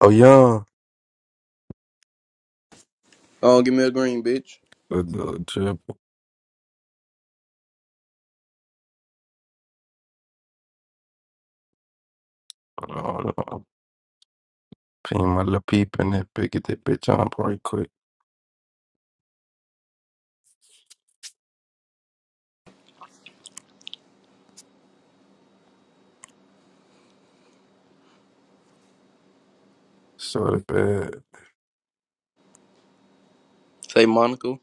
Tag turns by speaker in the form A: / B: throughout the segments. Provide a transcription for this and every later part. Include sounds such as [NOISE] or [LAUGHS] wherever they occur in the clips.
A: Oh yeah,
B: Oh, give me a green, bitch.
A: the, the drip. Oh, no. Ping my little peep in that bitch. Get that bitch on pretty quick. So the bad.
B: Say Monica.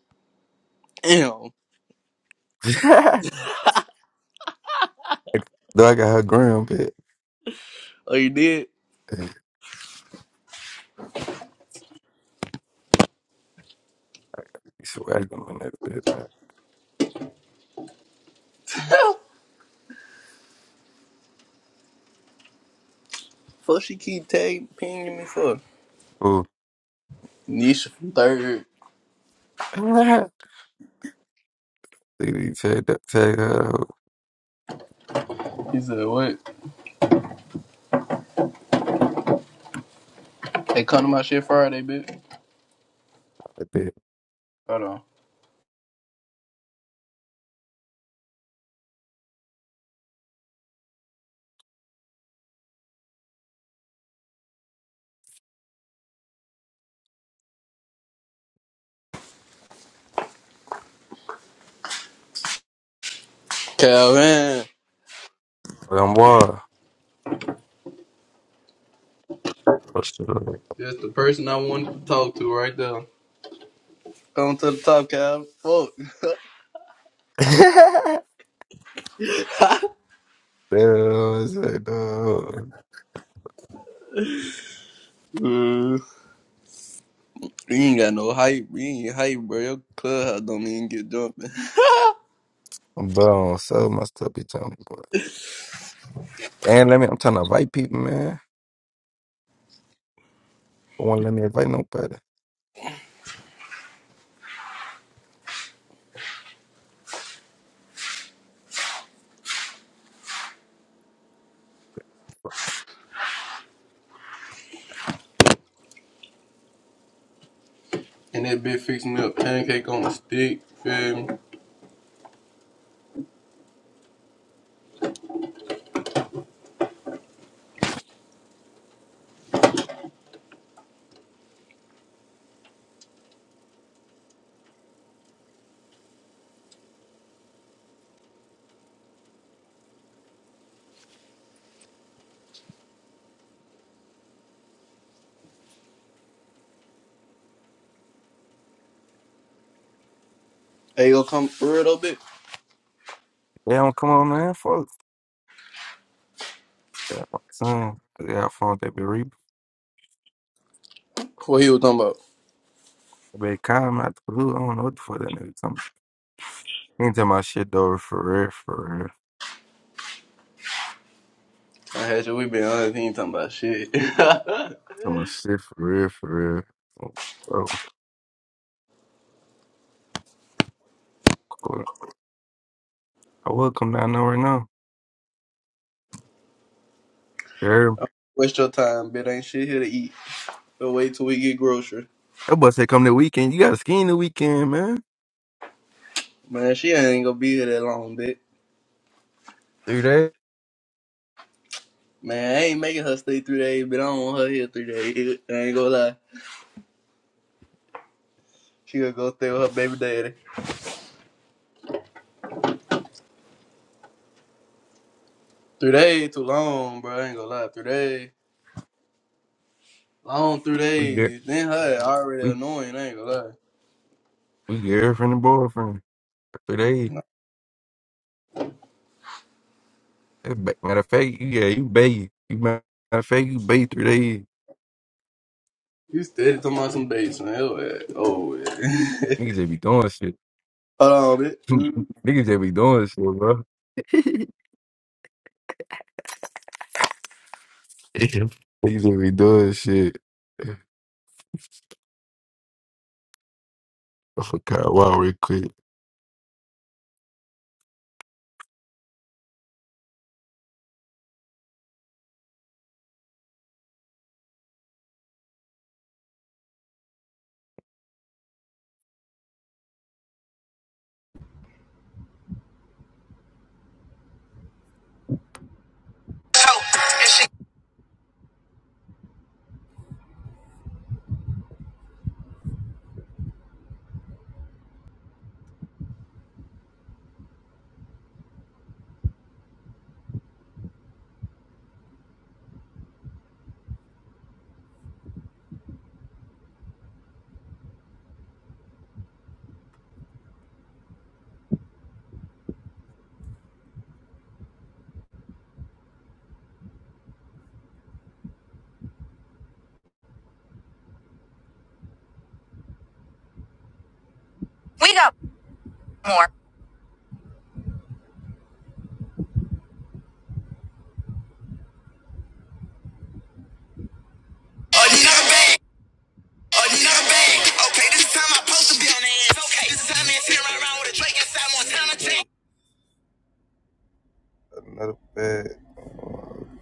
B: Damn.
A: [LAUGHS] Though I got her gram bit.
B: Oh, you did?
A: Hey, you swagging on that bit, man.
B: Hell, fuck she keep tag pinging me for?
A: Ooh.
B: Nisha from third.
A: [LAUGHS] Dude, take that, take her out.
B: He said, what? They come to my shit Friday, bitch.
A: That bit.
B: Hold on. Calvin.
A: But I'm wild. What's the
B: That's the person I wanted to talk to right there. Come to the top, Calvin. Fuck.
A: Damn, [LAUGHS]
B: Uh, you ain't got no hype. You ain't hype, bro. Your clubhouse don't even get jumping.
A: I'm bro, so my stuff be telling me, boy. And let me, I'm trying to invite people, man. Don't want to let me invite nobody.
B: And that bitch fixing me up pancake on a stick. Feel me? Hey, to come for real though, bitch.
A: They don't come on there, Fuck. Yeah, I'm saying. They got phones that be re
B: What he was talking about?
A: they calm out the blue. I don't know what the fuck that nigga talking about. He ain't talking about shit though, for real, for real.
B: I had you. We been on this. He ain't talking about shit. [LAUGHS]
A: Talking about shit for real, for real. So, cool. I will come down there right now. Yeah.
B: Waste your time, bitch. Ain't shit here to eat. But wait till we get grocery.
A: That boy said come the weekend. You got to ski in the weekend, man.
B: Man, she ain't gonna be here that long, bitch.
A: Three days.
B: Man, I ain't making her stay three days, but I don't want her here three days. I ain't gonna lie. She gonna go stay with her baby daddy. Three days too long, bro. I ain't gonna lie. Three days. Long three
A: We get
B: days. Then her ass already
A: we
B: annoying. I ain't gonna lie.
A: we girlfriend and boyfriend. Three days. That ba- Matter of fact, you- yeah, you bathe. You ma- matter of fact, you bathe three days.
B: You steady talking about some dates, man. Oh, yeah. Oh, yeah.
A: Niggas they be doing shit.
B: [LAUGHS] Hold on,
A: [LAUGHS]
B: bitch.
A: Niggas they be doing shit, bro. [LAUGHS] Niggas they be doing shit. I forgot wow real quick. We got more. Another bag. Another bag. Okay, this is time I'm supposed to be on the ass. Okay, this is time I'm sitting right around with a Drake inside Montana tank. Another bag.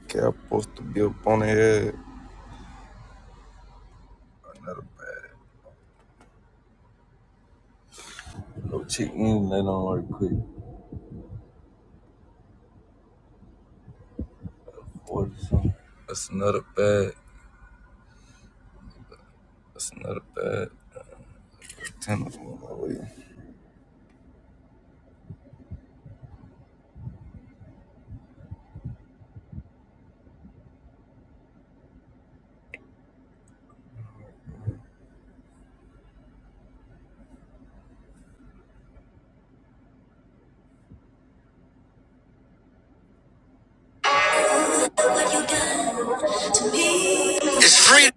A: Okay, I'm supposed to be up on the head. No check in, let on right quick. What is something? That's another bad. That's another bad contender for my way. It's free.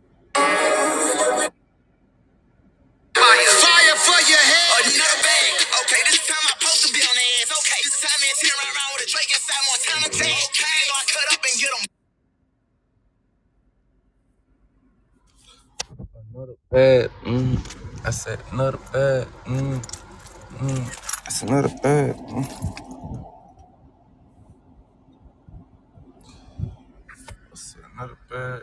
A: Fire. Fire for your head. Another bag. Okay, this time I'm supposed to be on the ass. Okay, this time it's here right around with a Drake inside Montana tag. Okay, so I cut up and get 'em. Bad. Mm. I said another bad. Mm. That's another bad. Mm. I said another bad.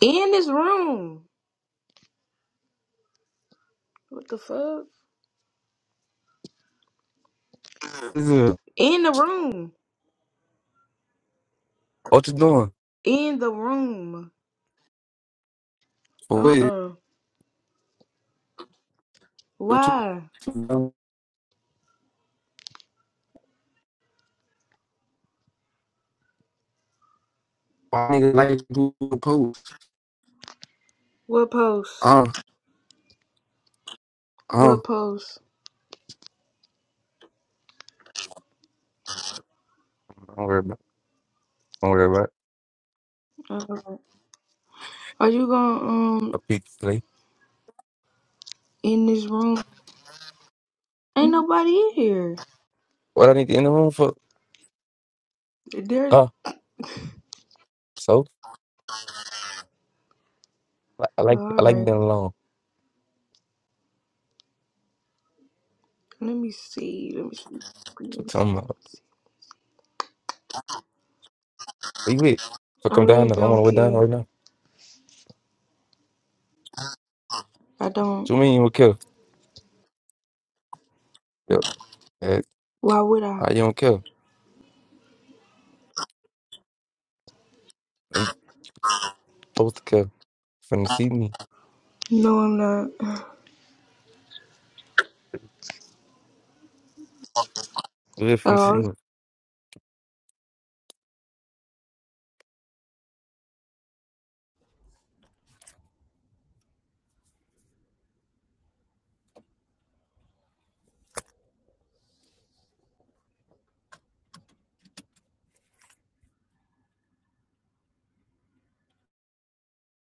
C: In this room. What the fuck?
A: Nigga,
C: In the room.
A: What you doing?
C: In the room. Uh
A: Wait,
C: uh
A: what you,
C: Why?
A: my nigga like you post.
C: What post?
A: Uh, uh.
C: What post?
A: Don't worry about. Don't worry about.
C: Uh-uh. Are you gonna um
A: A peep play.
C: in this room? Ain't nobody in here.
A: What I need to end the room for?
C: There's
A: Ah, so I I like
C: all
A: I like
C: right.
A: being alone.
C: Let me see. Let me see.
A: So
C: Let me
A: tell
C: see.
A: me, where you with? So
C: I
A: come down.
C: really
A: Now. I'm on the
C: don't
A: way down
C: care.
A: right now.
C: I don't.
A: So me, you don't care. Yo, eh,
C: Why would I?
A: I you don't kill. You supposed to care. Finna see me.
C: No, I'm not. [SIGHS]
A: You really finna see
C: Oh,
A: me.